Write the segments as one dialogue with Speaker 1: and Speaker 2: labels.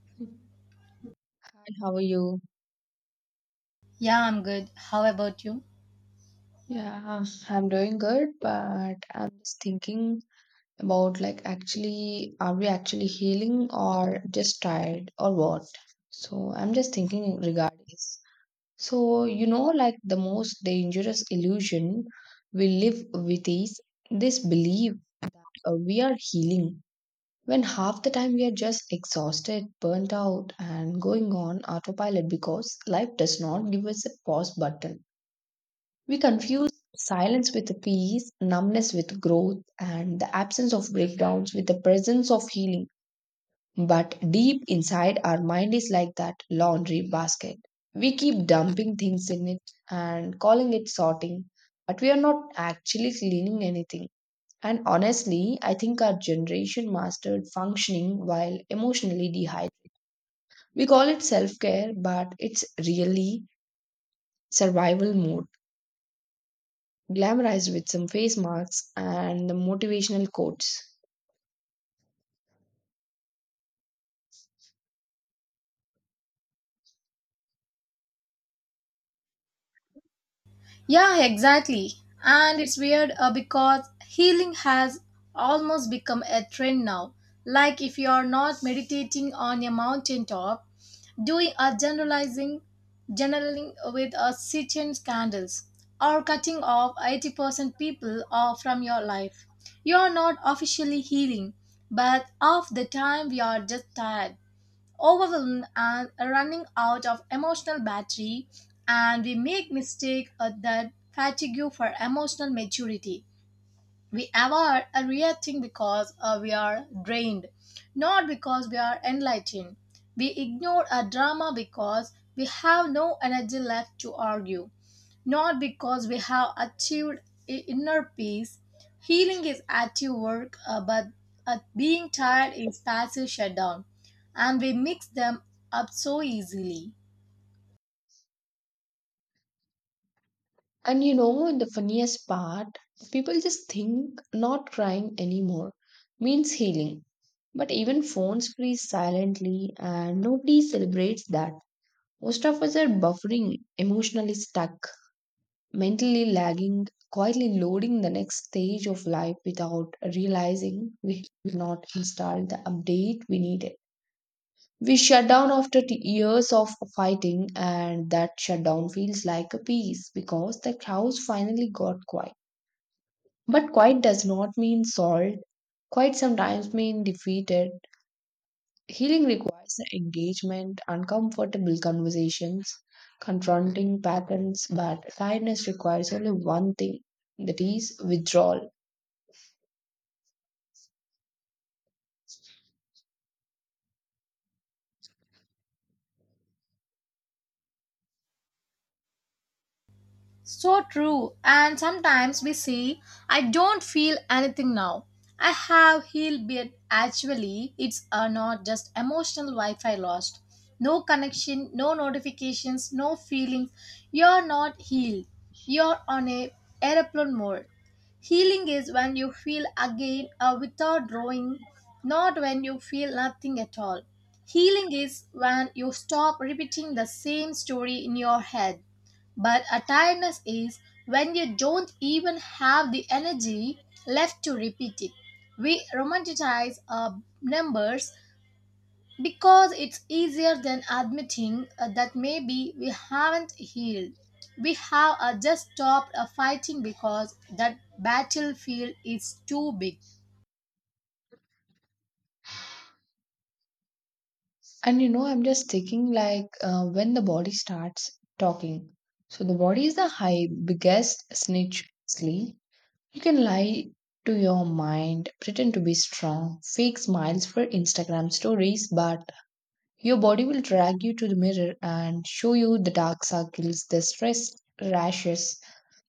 Speaker 1: Hi, how are you?
Speaker 2: Yeah, I'm good. How about you?
Speaker 1: Yeah, I'm doing good, but I'm just thinking about like actually, are we actually healing or just tired or what? So I'm just thinking regarding this. So, you know, like the most dangerous illusion we live with is this belief we are healing when half the time we are just exhausted, burnt out, and going on autopilot because life does not give us a pause button. We confuse silence with the peace, numbness with growth, and the absence of breakdowns with the presence of healing. But deep inside, our mind is like that laundry basket. We keep dumping things in it and calling it sorting, but we are not actually cleaning anything. And honestly, I think our generation mastered functioning while emotionally dehydrated. We call it self care, but it's really survival mode, glamorized with some face masks and the motivational quotes.
Speaker 2: Yeah, exactly. And it's weird because healing has almost become a trend now. Like if you are not meditating on a mountaintop, doing a generalizing, generaling with a certain candles, or cutting off 80% people off from your life, you are not officially healing. But half the time we are just tired, overwhelmed and running out of emotional battery, and we make mistake that fatigue for emotional maturity. We avoid reacting because we are drained, not because we are enlightened. We ignore a drama because we have no energy left to argue, not because we have achieved inner peace. Healing is active work, but being tired is passive shutdown, and we mix them up so easily.
Speaker 1: And you know, the funniest part, people just think not crying anymore means healing. But even phones freeze silently and nobody celebrates that. Most of us are buffering, emotionally stuck, mentally lagging, quietly loading the next stage of life without realizing we did not install the update we needed. We shut down after years of fighting, and that shutdown feels like a peace because the house finally got quiet. But quiet does not mean solved. Quiet sometimes means defeated. Healing requires engagement, uncomfortable conversations, confronting patterns, but kindness requires only one thing, that is withdrawal.
Speaker 2: So true. And sometimes we say, I don't feel anything now. I have healed, but actually, it's not just emotional Wi Fi lost. No connection, no notifications, no feelings. You're not healed. You're on a aeroplane mode. Healing is when you feel again without drawing, not when you feel nothing at all. Healing is when you stop repeating the same story in your head. But a tiredness is when you don't even have the energy left to repeat it. We romanticize our numbers because it's easier than admitting that maybe we haven't healed. We have just stopped fighting because that battlefield is too big.
Speaker 1: And you know, I'm just thinking like when the body starts talking. So the body is the high biggest snitch sleep. You can lie to your mind, pretend to be strong, fake smiles for Instagram stories, but your body will drag you to the mirror and show you the dark circles, the stress rashes,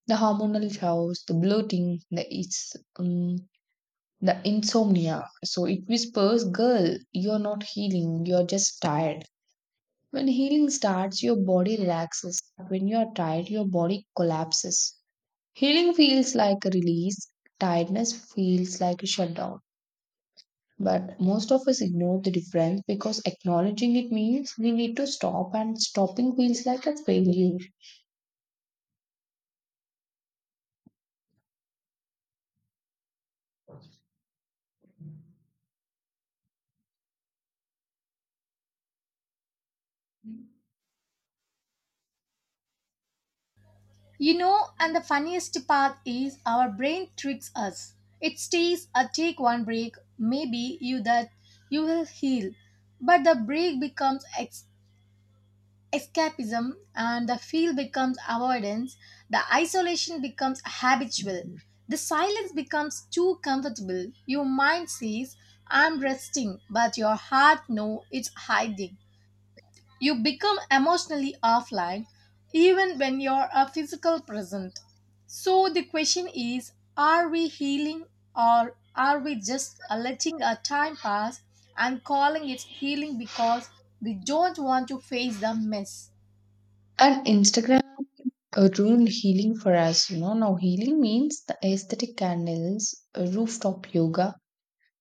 Speaker 1: the hormonal chaos, the bloating, the it's the insomnia. So it whispers, "Girl, you're not healing. You're just tired." When healing starts, your body relaxes. When you are tired, your body collapses. Healing feels like a release, tiredness feels like a shutdown. But most of us ignore the difference because acknowledging it means we need to stop, and stopping feels like a failure.
Speaker 2: You know, and the funniest part is our brain tricks us. It stays a take one break, maybe you that you will heal. But the break becomes escapism, and the feel becomes avoidance, the isolation becomes habitual. The silence becomes too comfortable. Your mind says, I'm resting, but your heart knows it's hiding. You become emotionally offline even when you're a physical present. So the question is, are we healing or are we just letting our time pass and calling it healing because we don't want to face the mess?
Speaker 1: And Instagram ruined healing for us, you know. Now, healing means the aesthetic candles, rooftop yoga,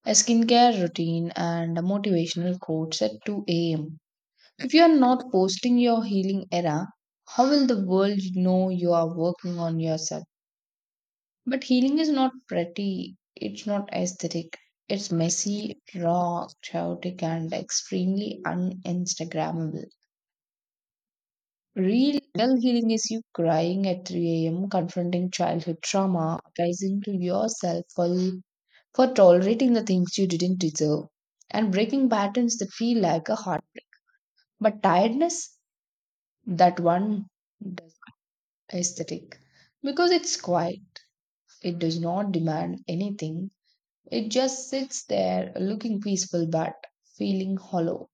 Speaker 1: a skincare routine, and a motivational quotes at 2 a.m. If you are not posting your healing era, how will the world know you are working on yourself? But healing is not pretty, it's not aesthetic, it's messy, raw, chaotic, and extremely uninstagrammable. Real healing is you crying at 3 a.m., confronting childhood trauma, apologizing to yourself for tolerating the things you didn't deserve, and breaking patterns that feel like a heartbreak. But tiredness, that one aesthetic because it's quiet. It does not demand anything. It just sits there looking peaceful but feeling hollow.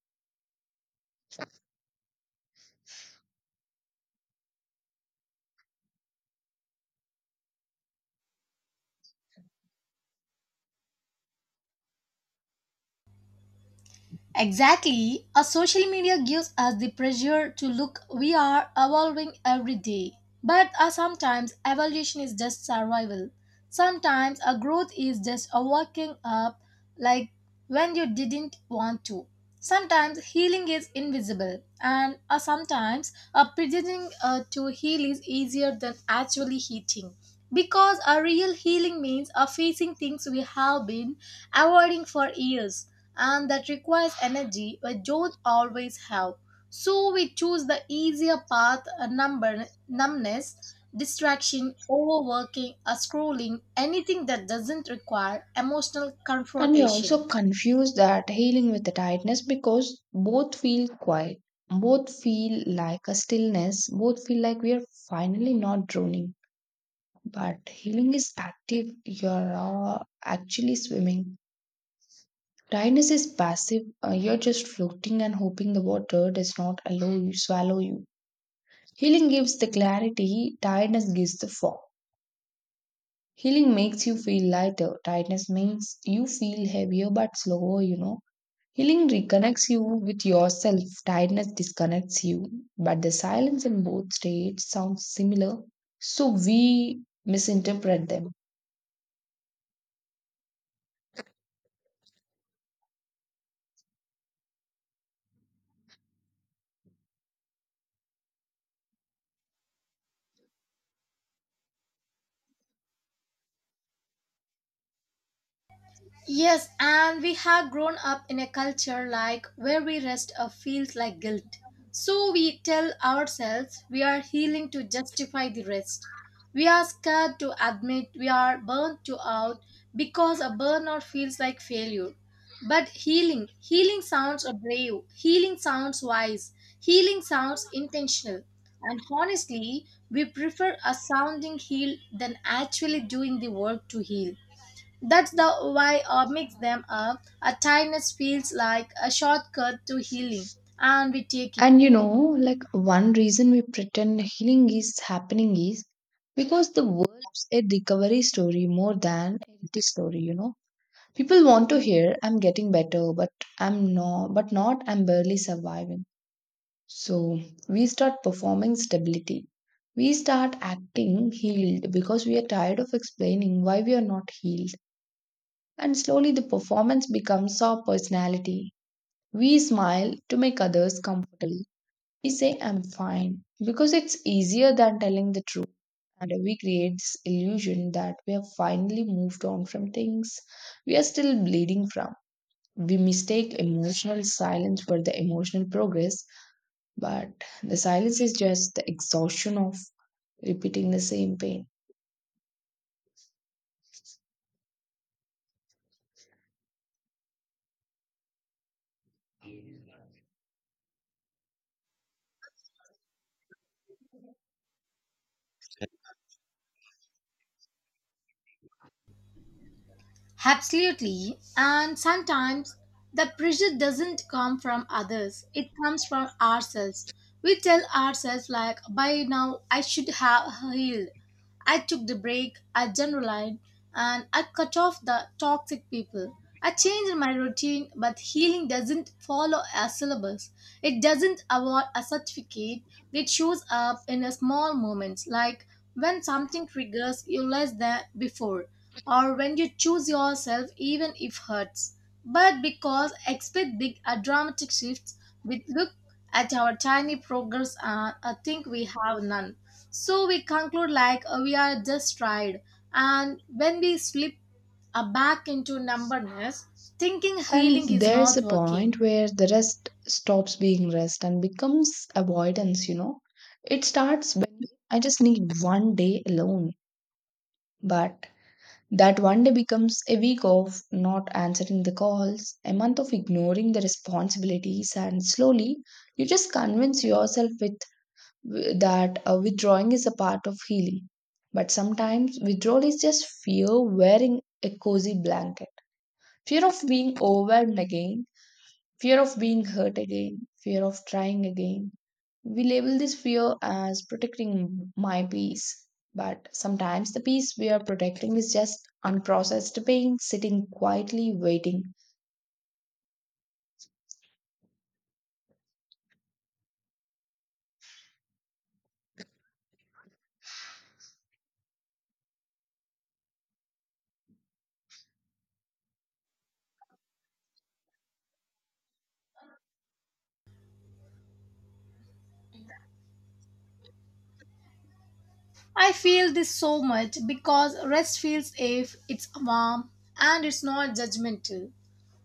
Speaker 2: Exactly. A social media gives us the pressure to look we are evolving every day. But sometimes evolution is just survival. Sometimes a growth is just a waking up, like when you didn't want to. Sometimes healing is invisible, and sometimes pretending to heal is easier than actually healing, because a real healing means facing things we have been avoiding for years, and that requires energy which don't always have. So we choose the easier path, number numbness, distraction, overworking, or scrolling, anything that doesn't require emotional
Speaker 1: And we
Speaker 2: confrontation.
Speaker 1: also confuse that healing with the tightness because both feel quiet. Both feel like a stillness. Both feel like we are finally not drowning. But healing is active. You are actually swimming. Tiredness is passive. You're just floating and hoping the water does not allow you, swallow you. Healing gives the clarity, tiredness gives the fog. Healing makes you feel lighter. Tiredness makes you feel heavier but slower, you know. Healing reconnects you with yourself. Tiredness disconnects you. But the silence in both states sounds similar, so we misinterpret them.
Speaker 2: Yes, and we have grown up in a culture like where we rest feels like guilt. So we tell ourselves we are healing to justify the rest. We are scared to admit we are burnt to out because a burnout feels like failure. But healing, healing sounds brave, healing sounds wise, healing sounds intentional. And honestly, we prefer a sounding heal than actually doing the work to heal. That's the why I mix them up. A tiredness feels like a shortcut to healing, and we take it.
Speaker 1: And you know, like one reason we pretend healing is happening is because the world loves a recovery story more than a healthy story, you know. People want to hear I'm getting better, but not I'm barely surviving. So we start performing stability. We start acting healed because we are tired of explaining why we are not healed. And slowly the performance becomes our personality. We smile to make others comfortable. We say, I'm fine, because it's easier than telling the truth. And we create this illusion that we have finally moved on from things we are still bleeding from. We mistake emotional silence for the emotional progress, but the silence is just the exhaustion of repeating the same pain.
Speaker 2: Absolutely. And sometimes the pressure doesn't come from others, it comes from ourselves. We tell ourselves, like, by now I should have healed. I took the break, I generalized, and I cut off the toxic people. I changed my routine, but healing doesn't follow a syllabus. It doesn't award a certificate. It shows up in a small moments, like when something triggers you less than before, or when you choose yourself even if hurts, but because expect big dramatic shifts, we look at our tiny progress and think we have none. So we conclude, like, we are just tired, and when we slip back into numbness, thinking
Speaker 1: And
Speaker 2: healing is
Speaker 1: there is
Speaker 2: not
Speaker 1: a point
Speaker 2: working.
Speaker 1: where the rest stops being rest and becomes avoidance, you know. It starts when I just need one day alone. But that one day becomes a week of not answering the calls, a month of ignoring the responsibilities, and slowly you just convince yourself with that withdrawing is a part of healing. But sometimes withdrawal is just fear wearing a cozy blanket, fear of being overwhelmed again, fear of being hurt again, fear of trying again. We label this fear as protecting my peace, but sometimes the peace we are protecting is just unprocessed pain sitting quietly waiting.
Speaker 2: I feel this so much because rest feels safe, it's warm, and it's not judgmental.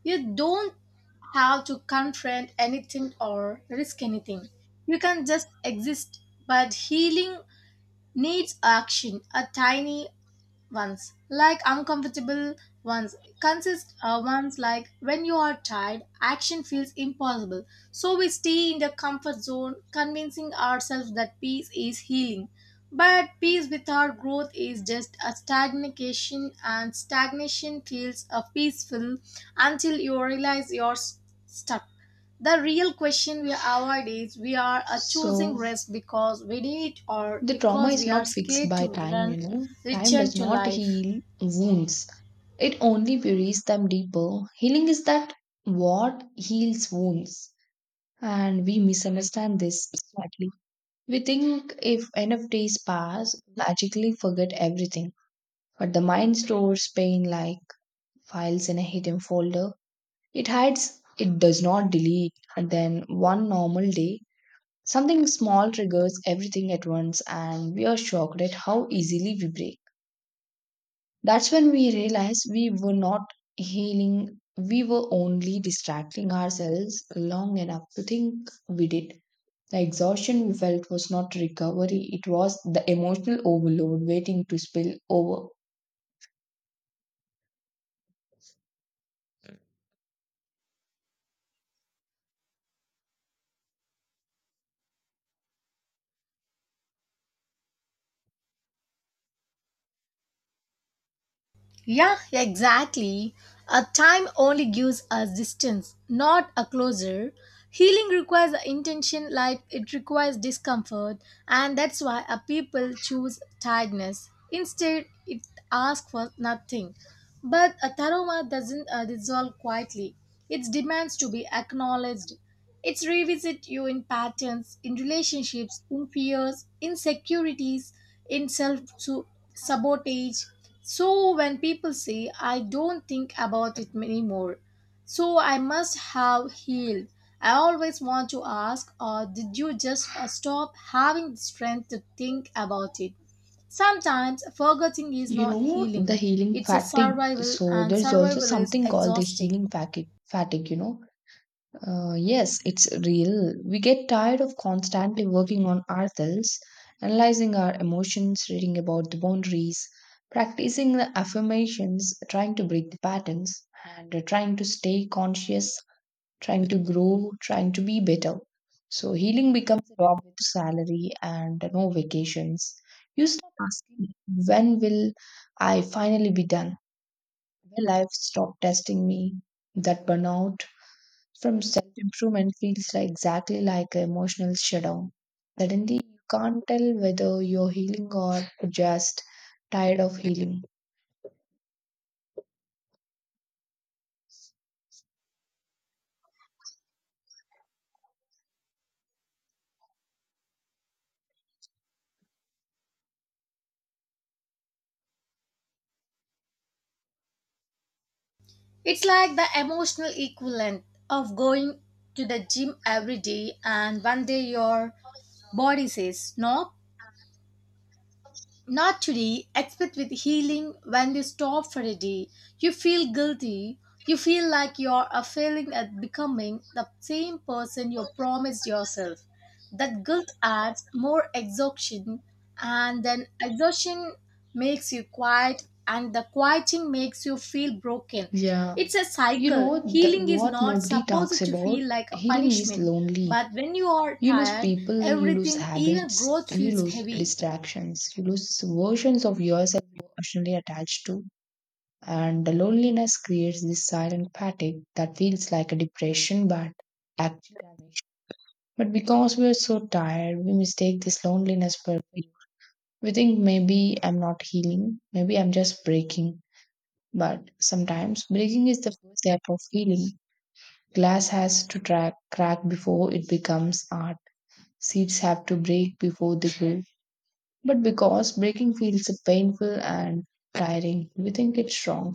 Speaker 2: You don't have to confront anything or risk anything. You can just exist. But healing needs action, a tiny ones, like uncomfortable ones, consist ones, like when you are tired, action feels impossible. So we stay in the comfort zone, convincing ourselves that peace is healing. But peace without growth is just a stagnation, and stagnation feels a peaceful until you realize you're stuck. The real question we avoid is, we are choosing
Speaker 1: So
Speaker 2: rest because we need or
Speaker 1: the trauma
Speaker 2: because we
Speaker 1: is
Speaker 2: are
Speaker 1: not fixed
Speaker 2: scared
Speaker 1: by
Speaker 2: to
Speaker 1: time, you
Speaker 2: run
Speaker 1: know. Time
Speaker 2: return
Speaker 1: does
Speaker 2: to
Speaker 1: not
Speaker 2: life.
Speaker 1: heal wounds, it only buries them deeper. Healing is that what heals wounds, and we misunderstand this. We think if enough days pass, we'll magically forget everything. But the mind stores pain like files in a hidden folder. It hides, it does not delete. And then one normal day, something small triggers everything at once, and we are shocked at how easily we break. That's when we realize we were not healing, we were only distracting ourselves long enough to think we did. The exhaustion we felt was not recovery, it was the emotional overload waiting to spill over.
Speaker 2: Yeah, exactly. A time only gives us distance, not a closer. Healing requires intention, like it requires discomfort, and that's why a people choose tiredness. Instead, it asks for nothing. But a trauma doesn't dissolve quietly. It demands to be acknowledged. It's revisit you in patterns, in relationships, in fears, insecurities, in self sabotage. So when people say, I don't think about it anymore, so I must have healed, I always want to ask, or did you just stop having the strength to think about it? Sometimes forgetting is
Speaker 1: You
Speaker 2: not
Speaker 1: know,
Speaker 2: healing,
Speaker 1: the healing
Speaker 2: it's a
Speaker 1: fatigue.
Speaker 2: survival,
Speaker 1: So,
Speaker 2: and
Speaker 1: there's also
Speaker 2: survival is
Speaker 1: something called the
Speaker 2: exhausting.
Speaker 1: healing fatigue. Fatigue, you know, yes, it's real. We get tired of constantly working on ourselves, analyzing our emotions, reading about the boundaries, practicing the affirmations, trying to break the patterns, and trying to stay conscious, trying to grow, trying to be better. So healing becomes a job with salary and no vacations. You start asking, when will I finally be done? Will life stop testing me? That burnout from self improvement feels like exactly like an emotional shutdown. Suddenly, you can't tell whether you're healing or just tired of healing.
Speaker 2: It's like the emotional equivalent of going to the gym every day, and one day your body says, no. Naturally, today, expect with healing when you stop for a day. You feel guilty. You feel like you are failing at becoming the same person you promised yourself. That guilt adds more exhaustion, and then exhaustion makes you quiet, and the quieting makes you feel broken.
Speaker 1: Yeah.
Speaker 2: It's a
Speaker 1: You
Speaker 2: cycle.
Speaker 1: know, the,
Speaker 2: Healing is
Speaker 1: what
Speaker 2: not
Speaker 1: nobody talks
Speaker 2: supposed to
Speaker 1: about,
Speaker 2: feel like a
Speaker 1: healing is
Speaker 2: punishment,
Speaker 1: lonely.
Speaker 2: but when you are
Speaker 1: You lose
Speaker 2: tired,
Speaker 1: people, you lose
Speaker 2: everything, even
Speaker 1: habits,
Speaker 2: growth,
Speaker 1: and you
Speaker 2: feels
Speaker 1: lose
Speaker 2: heavy.
Speaker 1: distractions, you lose versions of yourself you're emotionally attached to. And the loneliness creates this silent fatigue that feels like a depression, but actually damage. But because we are so tired, we mistake this loneliness for relief. We think maybe I'm not healing, maybe I'm just breaking. But sometimes breaking is the first step of healing. Glass has to track, crack before it becomes art. Seeds have to break before they grow. But because breaking feels painful and tiring, we think it's wrong.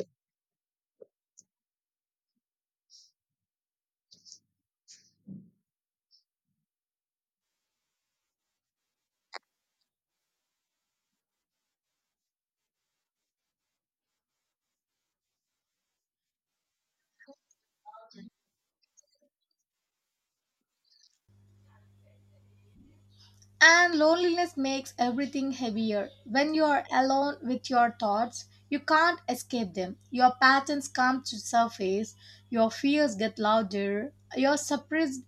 Speaker 2: And loneliness makes everything heavier. When you are alone with your thoughts, you can't escape them. Your patterns come to surface, your fears get louder, your suppressed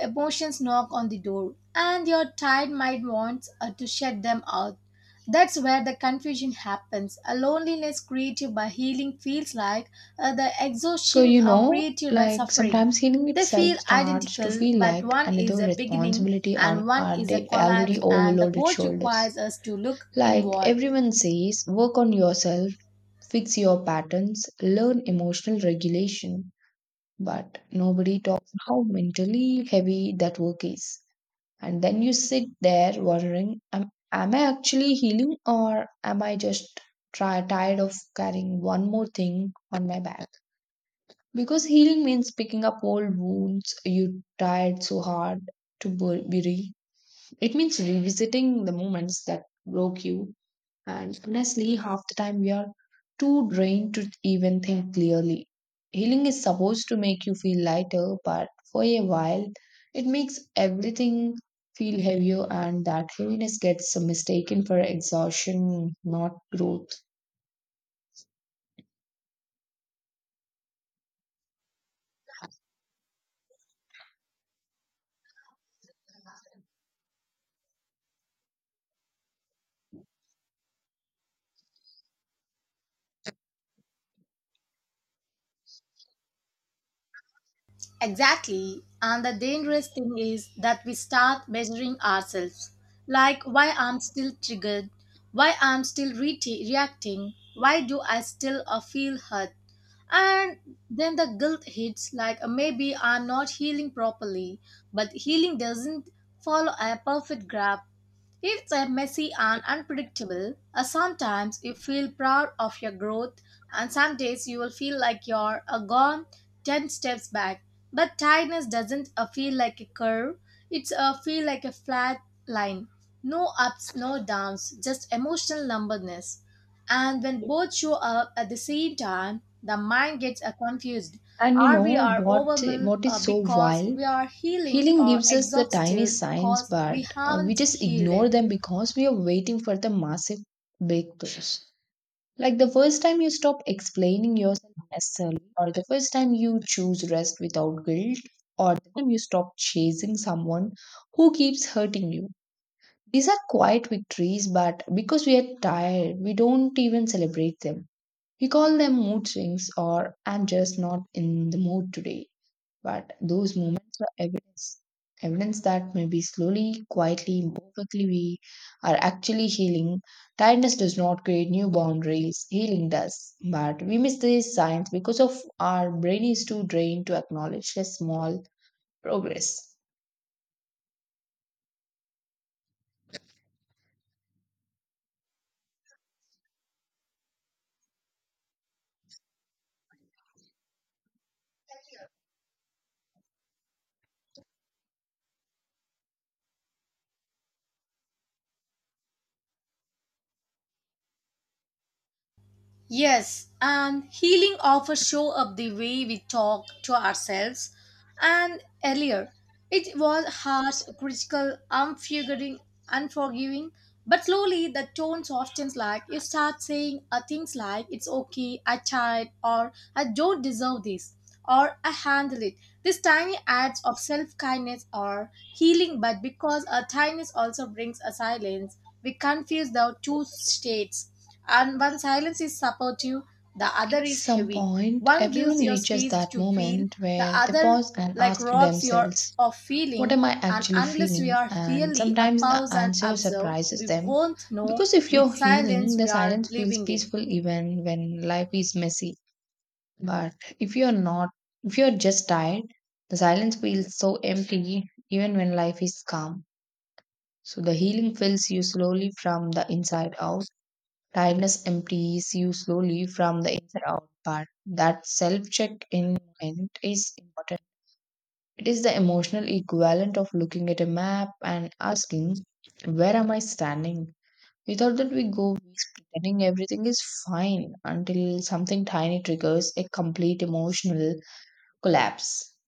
Speaker 2: emotions knock on the door, and your tired mind wants to shut them out. That's where the confusion happens. A loneliness created by healing feels like the
Speaker 1: So,
Speaker 2: exhaustion
Speaker 1: you know,
Speaker 2: created by
Speaker 1: like
Speaker 2: suffering.
Speaker 1: sometimes healing
Speaker 2: They
Speaker 1: itself
Speaker 2: feel
Speaker 1: starts to
Speaker 2: identical,
Speaker 1: feel
Speaker 2: but
Speaker 1: like
Speaker 2: one is
Speaker 1: another
Speaker 2: a beginning
Speaker 1: responsibility
Speaker 2: and
Speaker 1: on
Speaker 2: one
Speaker 1: our
Speaker 2: is a
Speaker 1: day, already
Speaker 2: collapse, and the
Speaker 1: overloaded
Speaker 2: both
Speaker 1: shoulders.
Speaker 2: requires us to look
Speaker 1: Like
Speaker 2: inward.
Speaker 1: everyone says, work on yourself, fix your patterns, learn emotional regulation. But nobody talks how mentally heavy that work is. And then you sit there wondering, am I actually healing or am I just tired of carrying one more thing on my back? Because healing means picking up old wounds you tried so hard to bury. It means revisiting the moments that broke you, and honestly, half the time we are too drained to even think clearly. Healing is supposed to make you feel lighter, but for a while, it makes everything feel heavier, and that heaviness gets mistaken for exhaustion, not growth.
Speaker 2: Exactly. And the dangerous thing is that we start measuring ourselves. Like, why I'm still triggered? Why I'm still reacting? Why do I still feel hurt? And then the guilt hits, like, maybe I'm not healing properly, but healing doesn't follow a perfect graph. It's a messy and unpredictable. Sometimes you feel proud of your growth, and some days you will feel like you're a gone 10 steps back. But tiredness doesn't feel like a curve, it's a feel like a flat line. No ups, no downs, just emotional numbness. And when both show up at the same time, the mind gets confused.
Speaker 1: And you
Speaker 2: Are we
Speaker 1: know
Speaker 2: are
Speaker 1: what?
Speaker 2: overwhelmed
Speaker 1: What is so
Speaker 2: because
Speaker 1: wild?
Speaker 2: we are healing,
Speaker 1: Healing
Speaker 2: or
Speaker 1: gives us the tiny
Speaker 2: exhausted
Speaker 1: signs,
Speaker 2: because we
Speaker 1: but we
Speaker 2: haven't
Speaker 1: just
Speaker 2: healed?
Speaker 1: ignore
Speaker 2: It?
Speaker 1: them because we are waiting for the massive breakthroughs. Like the first time you stop explaining yourself necessarily, or the first time you choose rest without guilt, or the time you stop chasing someone who keeps hurting you. These are quiet victories, but because we are tired, we don't even celebrate them. We call them mood swings or I'm just not in the mood today. But those moments are evidence, evidence that maybe slowly, quietly, imperfectly, we are actually healing. Tiredness does not create new boundaries, healing does. But we miss these signs because of our brain is too drained to acknowledge a small progress.
Speaker 2: Yes, and healing often show up the way we talk to ourselves. And earlier, it was harsh, critical, unforgiving. But slowly, the tone softens. Like you start saying things like "It's okay," "I tried," or "I don't deserve this," or "I handle it." These tiny acts of self-kindness are healing. But because a kindness also brings a silence, we confuse the two states. And one silence is supportive, the other
Speaker 1: At
Speaker 2: is
Speaker 1: some
Speaker 2: heavy.
Speaker 1: point,
Speaker 2: One gives
Speaker 1: everyone
Speaker 2: your
Speaker 1: reaches
Speaker 2: space
Speaker 1: that
Speaker 2: to feel,
Speaker 1: moment
Speaker 2: the
Speaker 1: where they
Speaker 2: other
Speaker 1: pause and
Speaker 2: like
Speaker 1: ask
Speaker 2: robs your
Speaker 1: themselves,
Speaker 2: of
Speaker 1: what
Speaker 2: feeling.
Speaker 1: am I
Speaker 2: And
Speaker 1: actually
Speaker 2: unless we
Speaker 1: feeling?
Speaker 2: are
Speaker 1: And
Speaker 2: really a
Speaker 1: sometimes the
Speaker 2: pause and
Speaker 1: answer
Speaker 2: observe,
Speaker 1: surprises
Speaker 2: we
Speaker 1: them
Speaker 2: won't know
Speaker 1: because if
Speaker 2: which
Speaker 1: you're
Speaker 2: silence
Speaker 1: healing, the
Speaker 2: we are
Speaker 1: silence feels
Speaker 2: living in.
Speaker 1: peaceful even when life is messy. But if you're not, if you're just tired, the silence feels so empty even when life is calm. So the healing fills you slowly from the inside out. Tiredness empties you slowly from the inside out. But that self check in moment is important. It is the emotional equivalent of looking at a map and asking, where am I standing? Without that, we go weeks pretending everything is fine until something tiny triggers a complete emotional collapse.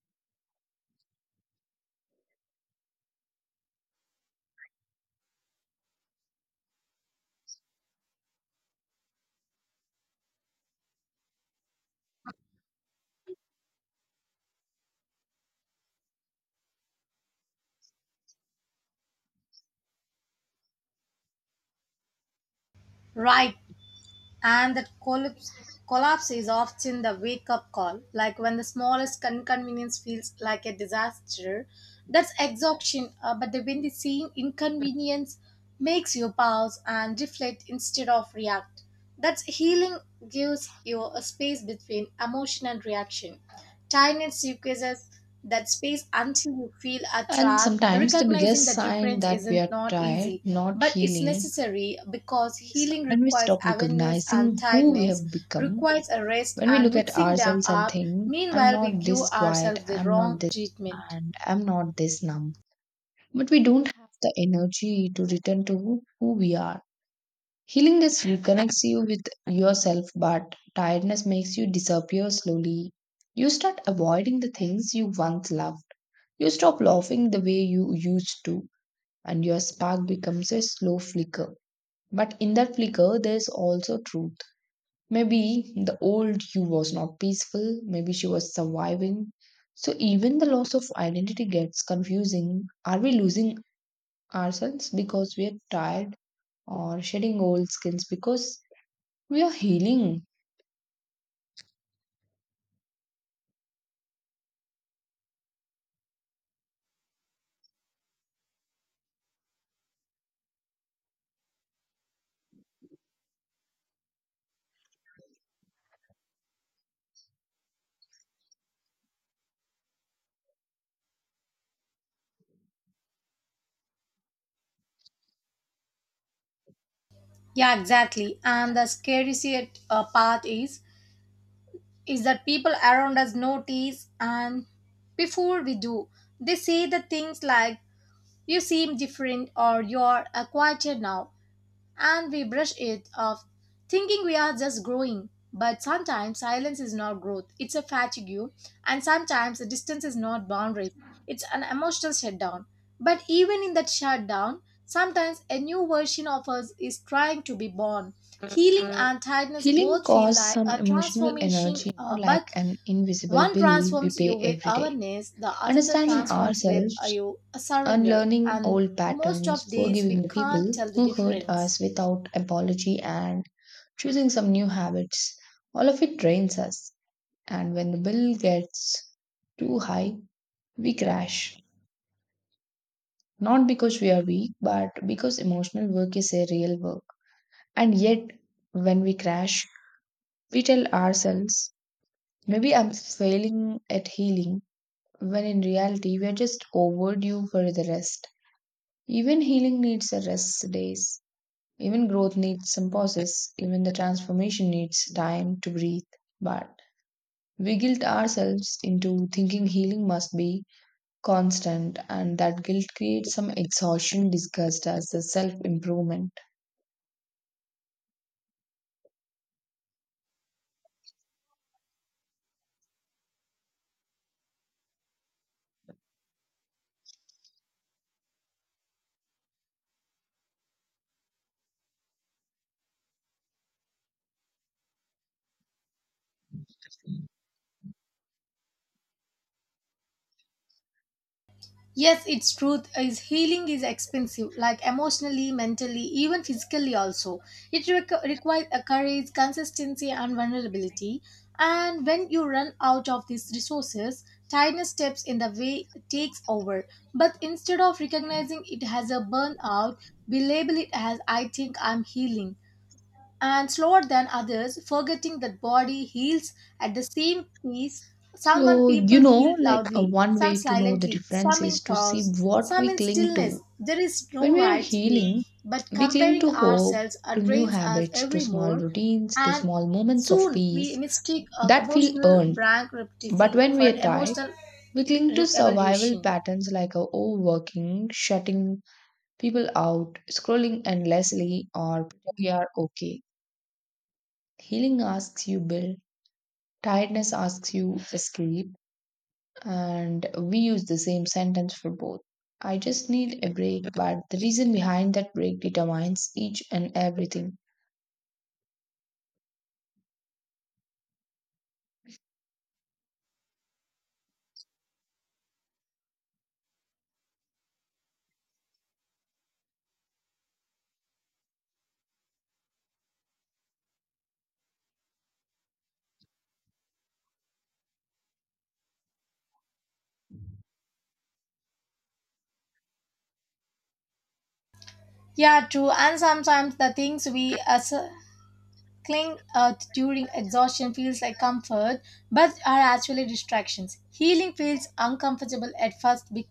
Speaker 2: Right. And that collapse is often the wake up call, like when the smallest inconvenience feels like a disaster, that's exhaustion, but the, when the same inconvenience makes you pause and reflect instead of react, that's healing. Gives you a space between emotion and reaction. Tinynet squeezes that space until you feel are
Speaker 1: And
Speaker 2: trapped.
Speaker 1: sometimes the
Speaker 2: Recognizing
Speaker 1: biggest
Speaker 2: the
Speaker 1: sign
Speaker 2: difference
Speaker 1: that we
Speaker 2: isn't
Speaker 1: are
Speaker 2: not
Speaker 1: tired,
Speaker 2: easy,
Speaker 1: not
Speaker 2: but it's
Speaker 1: healing,
Speaker 2: necessary because
Speaker 1: is
Speaker 2: healing
Speaker 1: when we
Speaker 2: requires
Speaker 1: stop
Speaker 2: awareness and
Speaker 1: recognizing who we
Speaker 2: tiredness
Speaker 1: have become.
Speaker 2: requires a rest,
Speaker 1: When we
Speaker 2: and
Speaker 1: look at
Speaker 2: mixing them
Speaker 1: ourselves and
Speaker 2: up,
Speaker 1: think, I'm
Speaker 2: meanwhile, we
Speaker 1: not
Speaker 2: give
Speaker 1: this quiet,
Speaker 2: ourselves the
Speaker 1: I'm not
Speaker 2: wrong
Speaker 1: this,
Speaker 2: treatment.
Speaker 1: and I'm not this number. But we don't have the energy to return to who we are. Healing just reconnects you with yourself, but tiredness makes you disappear slowly. You start avoiding the things you once loved. You stop laughing the way you used to, and your spark becomes a slow flicker. But in that flicker, there's also truth. Maybe the old you was not peaceful, maybe she was surviving. So even the loss of identity gets confusing. Are we losing ourselves because we are tired, or shedding old skills because we are healing?
Speaker 2: Yeah, exactly. And the scariest part is that people around us notice and before we do, they say the things like, you seem different or you're quieter now, and we brush it off, thinking we are just growing. But sometimes silence is not growth, it's a fatigue, and sometimes the distance is not boundaries, it's an emotional shutdown. But even in that shutdown, sometimes a new version of us is trying to be born. Healing and tiredness
Speaker 1: Healing
Speaker 2: both feel
Speaker 1: costs
Speaker 2: like
Speaker 1: some
Speaker 2: a
Speaker 1: emotional
Speaker 2: transformation,
Speaker 1: energy, you know, like
Speaker 2: but
Speaker 1: an invisible
Speaker 2: one
Speaker 1: bill we
Speaker 2: transforms you
Speaker 1: pay
Speaker 2: with
Speaker 1: every day.
Speaker 2: awareness, the other
Speaker 1: Understanding
Speaker 2: transforms with
Speaker 1: ourselves,
Speaker 2: you a surrender,
Speaker 1: unlearning
Speaker 2: and
Speaker 1: old
Speaker 2: most
Speaker 1: patterns,
Speaker 2: of days we
Speaker 1: forgiving the
Speaker 2: can't
Speaker 1: people
Speaker 2: tell the
Speaker 1: who hurt
Speaker 2: difference.
Speaker 1: us without apology, and choosing some new habits, all of it drains us. And when the bill gets too high, we crash. Not because we are weak, but because emotional work is a real work. And yet, when we crash, we tell ourselves, maybe I'm failing at healing, when in reality, we are just overdue for the rest. Even healing needs a rest days. Even growth needs some pauses. Even the transformation needs time to breathe. But we guilt ourselves into thinking healing must be constant, and that guilt creates some exhaustion discussed as the self improvement.
Speaker 2: Yes, it's truth is healing is expensive, like emotionally, mentally, even physically also. It requires a courage, consistency, and vulnerability. And when you run out of these resources, tiredness steps in the way takes over. But instead of recognizing it as a burnout, we label it as I think I'm healing and slower than others, forgetting that body heals at the same pace. Someone
Speaker 1: So, you
Speaker 2: people heal
Speaker 1: know, like
Speaker 2: loudly,
Speaker 1: one
Speaker 2: some
Speaker 1: way to know the
Speaker 2: silently,
Speaker 1: difference
Speaker 2: some in
Speaker 1: is to see
Speaker 2: pause,
Speaker 1: what
Speaker 2: some
Speaker 1: we
Speaker 2: in
Speaker 1: cling to.
Speaker 2: stillness. There is
Speaker 1: When
Speaker 2: no
Speaker 1: we are
Speaker 2: right speed,
Speaker 1: healing,
Speaker 2: but
Speaker 1: we cling
Speaker 2: comparing
Speaker 1: to hope,
Speaker 2: ourselves
Speaker 1: to new
Speaker 2: drains us
Speaker 1: habits, to
Speaker 2: every
Speaker 1: small
Speaker 2: more,
Speaker 1: routines, to
Speaker 2: and
Speaker 1: small moments of
Speaker 2: soon we
Speaker 1: peace
Speaker 2: mistake
Speaker 1: that feel
Speaker 2: emotional
Speaker 1: earned.
Speaker 2: brand
Speaker 1: But
Speaker 2: repetition
Speaker 1: when we
Speaker 2: for
Speaker 1: are tired,
Speaker 2: emotional
Speaker 1: we cling to survival
Speaker 2: evolution.
Speaker 1: patterns like overworking, shutting people out, scrolling endlessly, or we are okay. Healing asks you build, tiredness asks you escape, and we use the same sentence for both. I just need a break, but the reason behind that break determines each and everything.
Speaker 2: Yeah, true. And sometimes the things we as cling during exhaustion feels like comfort, but are actually distractions. Healing feels uncomfortable at first,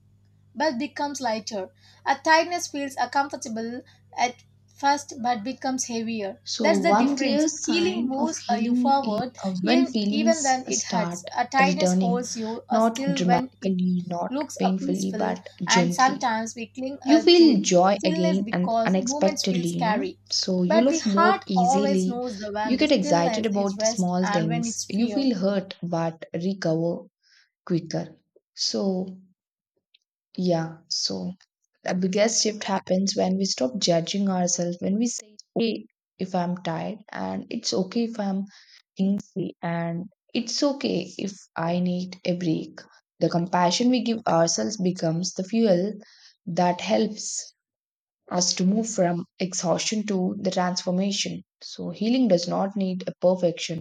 Speaker 2: but becomes lighter. A tightness feels uncomfortable at first, but becomes heavier.
Speaker 1: So,
Speaker 2: That's the
Speaker 1: one clear
Speaker 2: difference. Healing
Speaker 1: sign of
Speaker 2: moves you
Speaker 1: healing
Speaker 2: forward,
Speaker 1: is when
Speaker 2: even
Speaker 1: feelings
Speaker 2: when it hurts.
Speaker 1: start
Speaker 2: A tightness
Speaker 1: returning,
Speaker 2: holds you
Speaker 1: not
Speaker 2: still when it
Speaker 1: dramatically, not
Speaker 2: looks are
Speaker 1: painfully,
Speaker 2: peaceful,
Speaker 1: but
Speaker 2: and
Speaker 1: gently.
Speaker 2: sometimes we cling
Speaker 1: You
Speaker 2: to
Speaker 1: feel joy
Speaker 2: stillness
Speaker 1: again and
Speaker 2: because moments feel
Speaker 1: unexpectedly, you know.
Speaker 2: scary,
Speaker 1: So, you
Speaker 2: but the
Speaker 1: love more
Speaker 2: heart always
Speaker 1: easily.
Speaker 2: knows the when
Speaker 1: You
Speaker 2: the
Speaker 1: get excited
Speaker 2: stillness is
Speaker 1: about the
Speaker 2: rest
Speaker 1: small
Speaker 2: and when
Speaker 1: things.
Speaker 2: it's
Speaker 1: You
Speaker 2: fear.
Speaker 1: feel hurt but recover quicker. So, yeah, so the biggest shift happens when we stop judging ourselves, when we say, okay, if I'm tired, and it's okay if I'm hungry, and it's okay if I need a break. The compassion we give ourselves becomes the fuel that helps us to move from exhaustion to the transformation. So, healing does not need a perfection.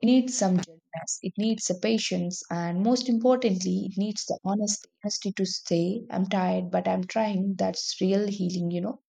Speaker 1: It needs some gentleness, it needs a patience, and most importantly, it needs the honesty to say, I'm tired, but I'm trying. That's real healing, you know.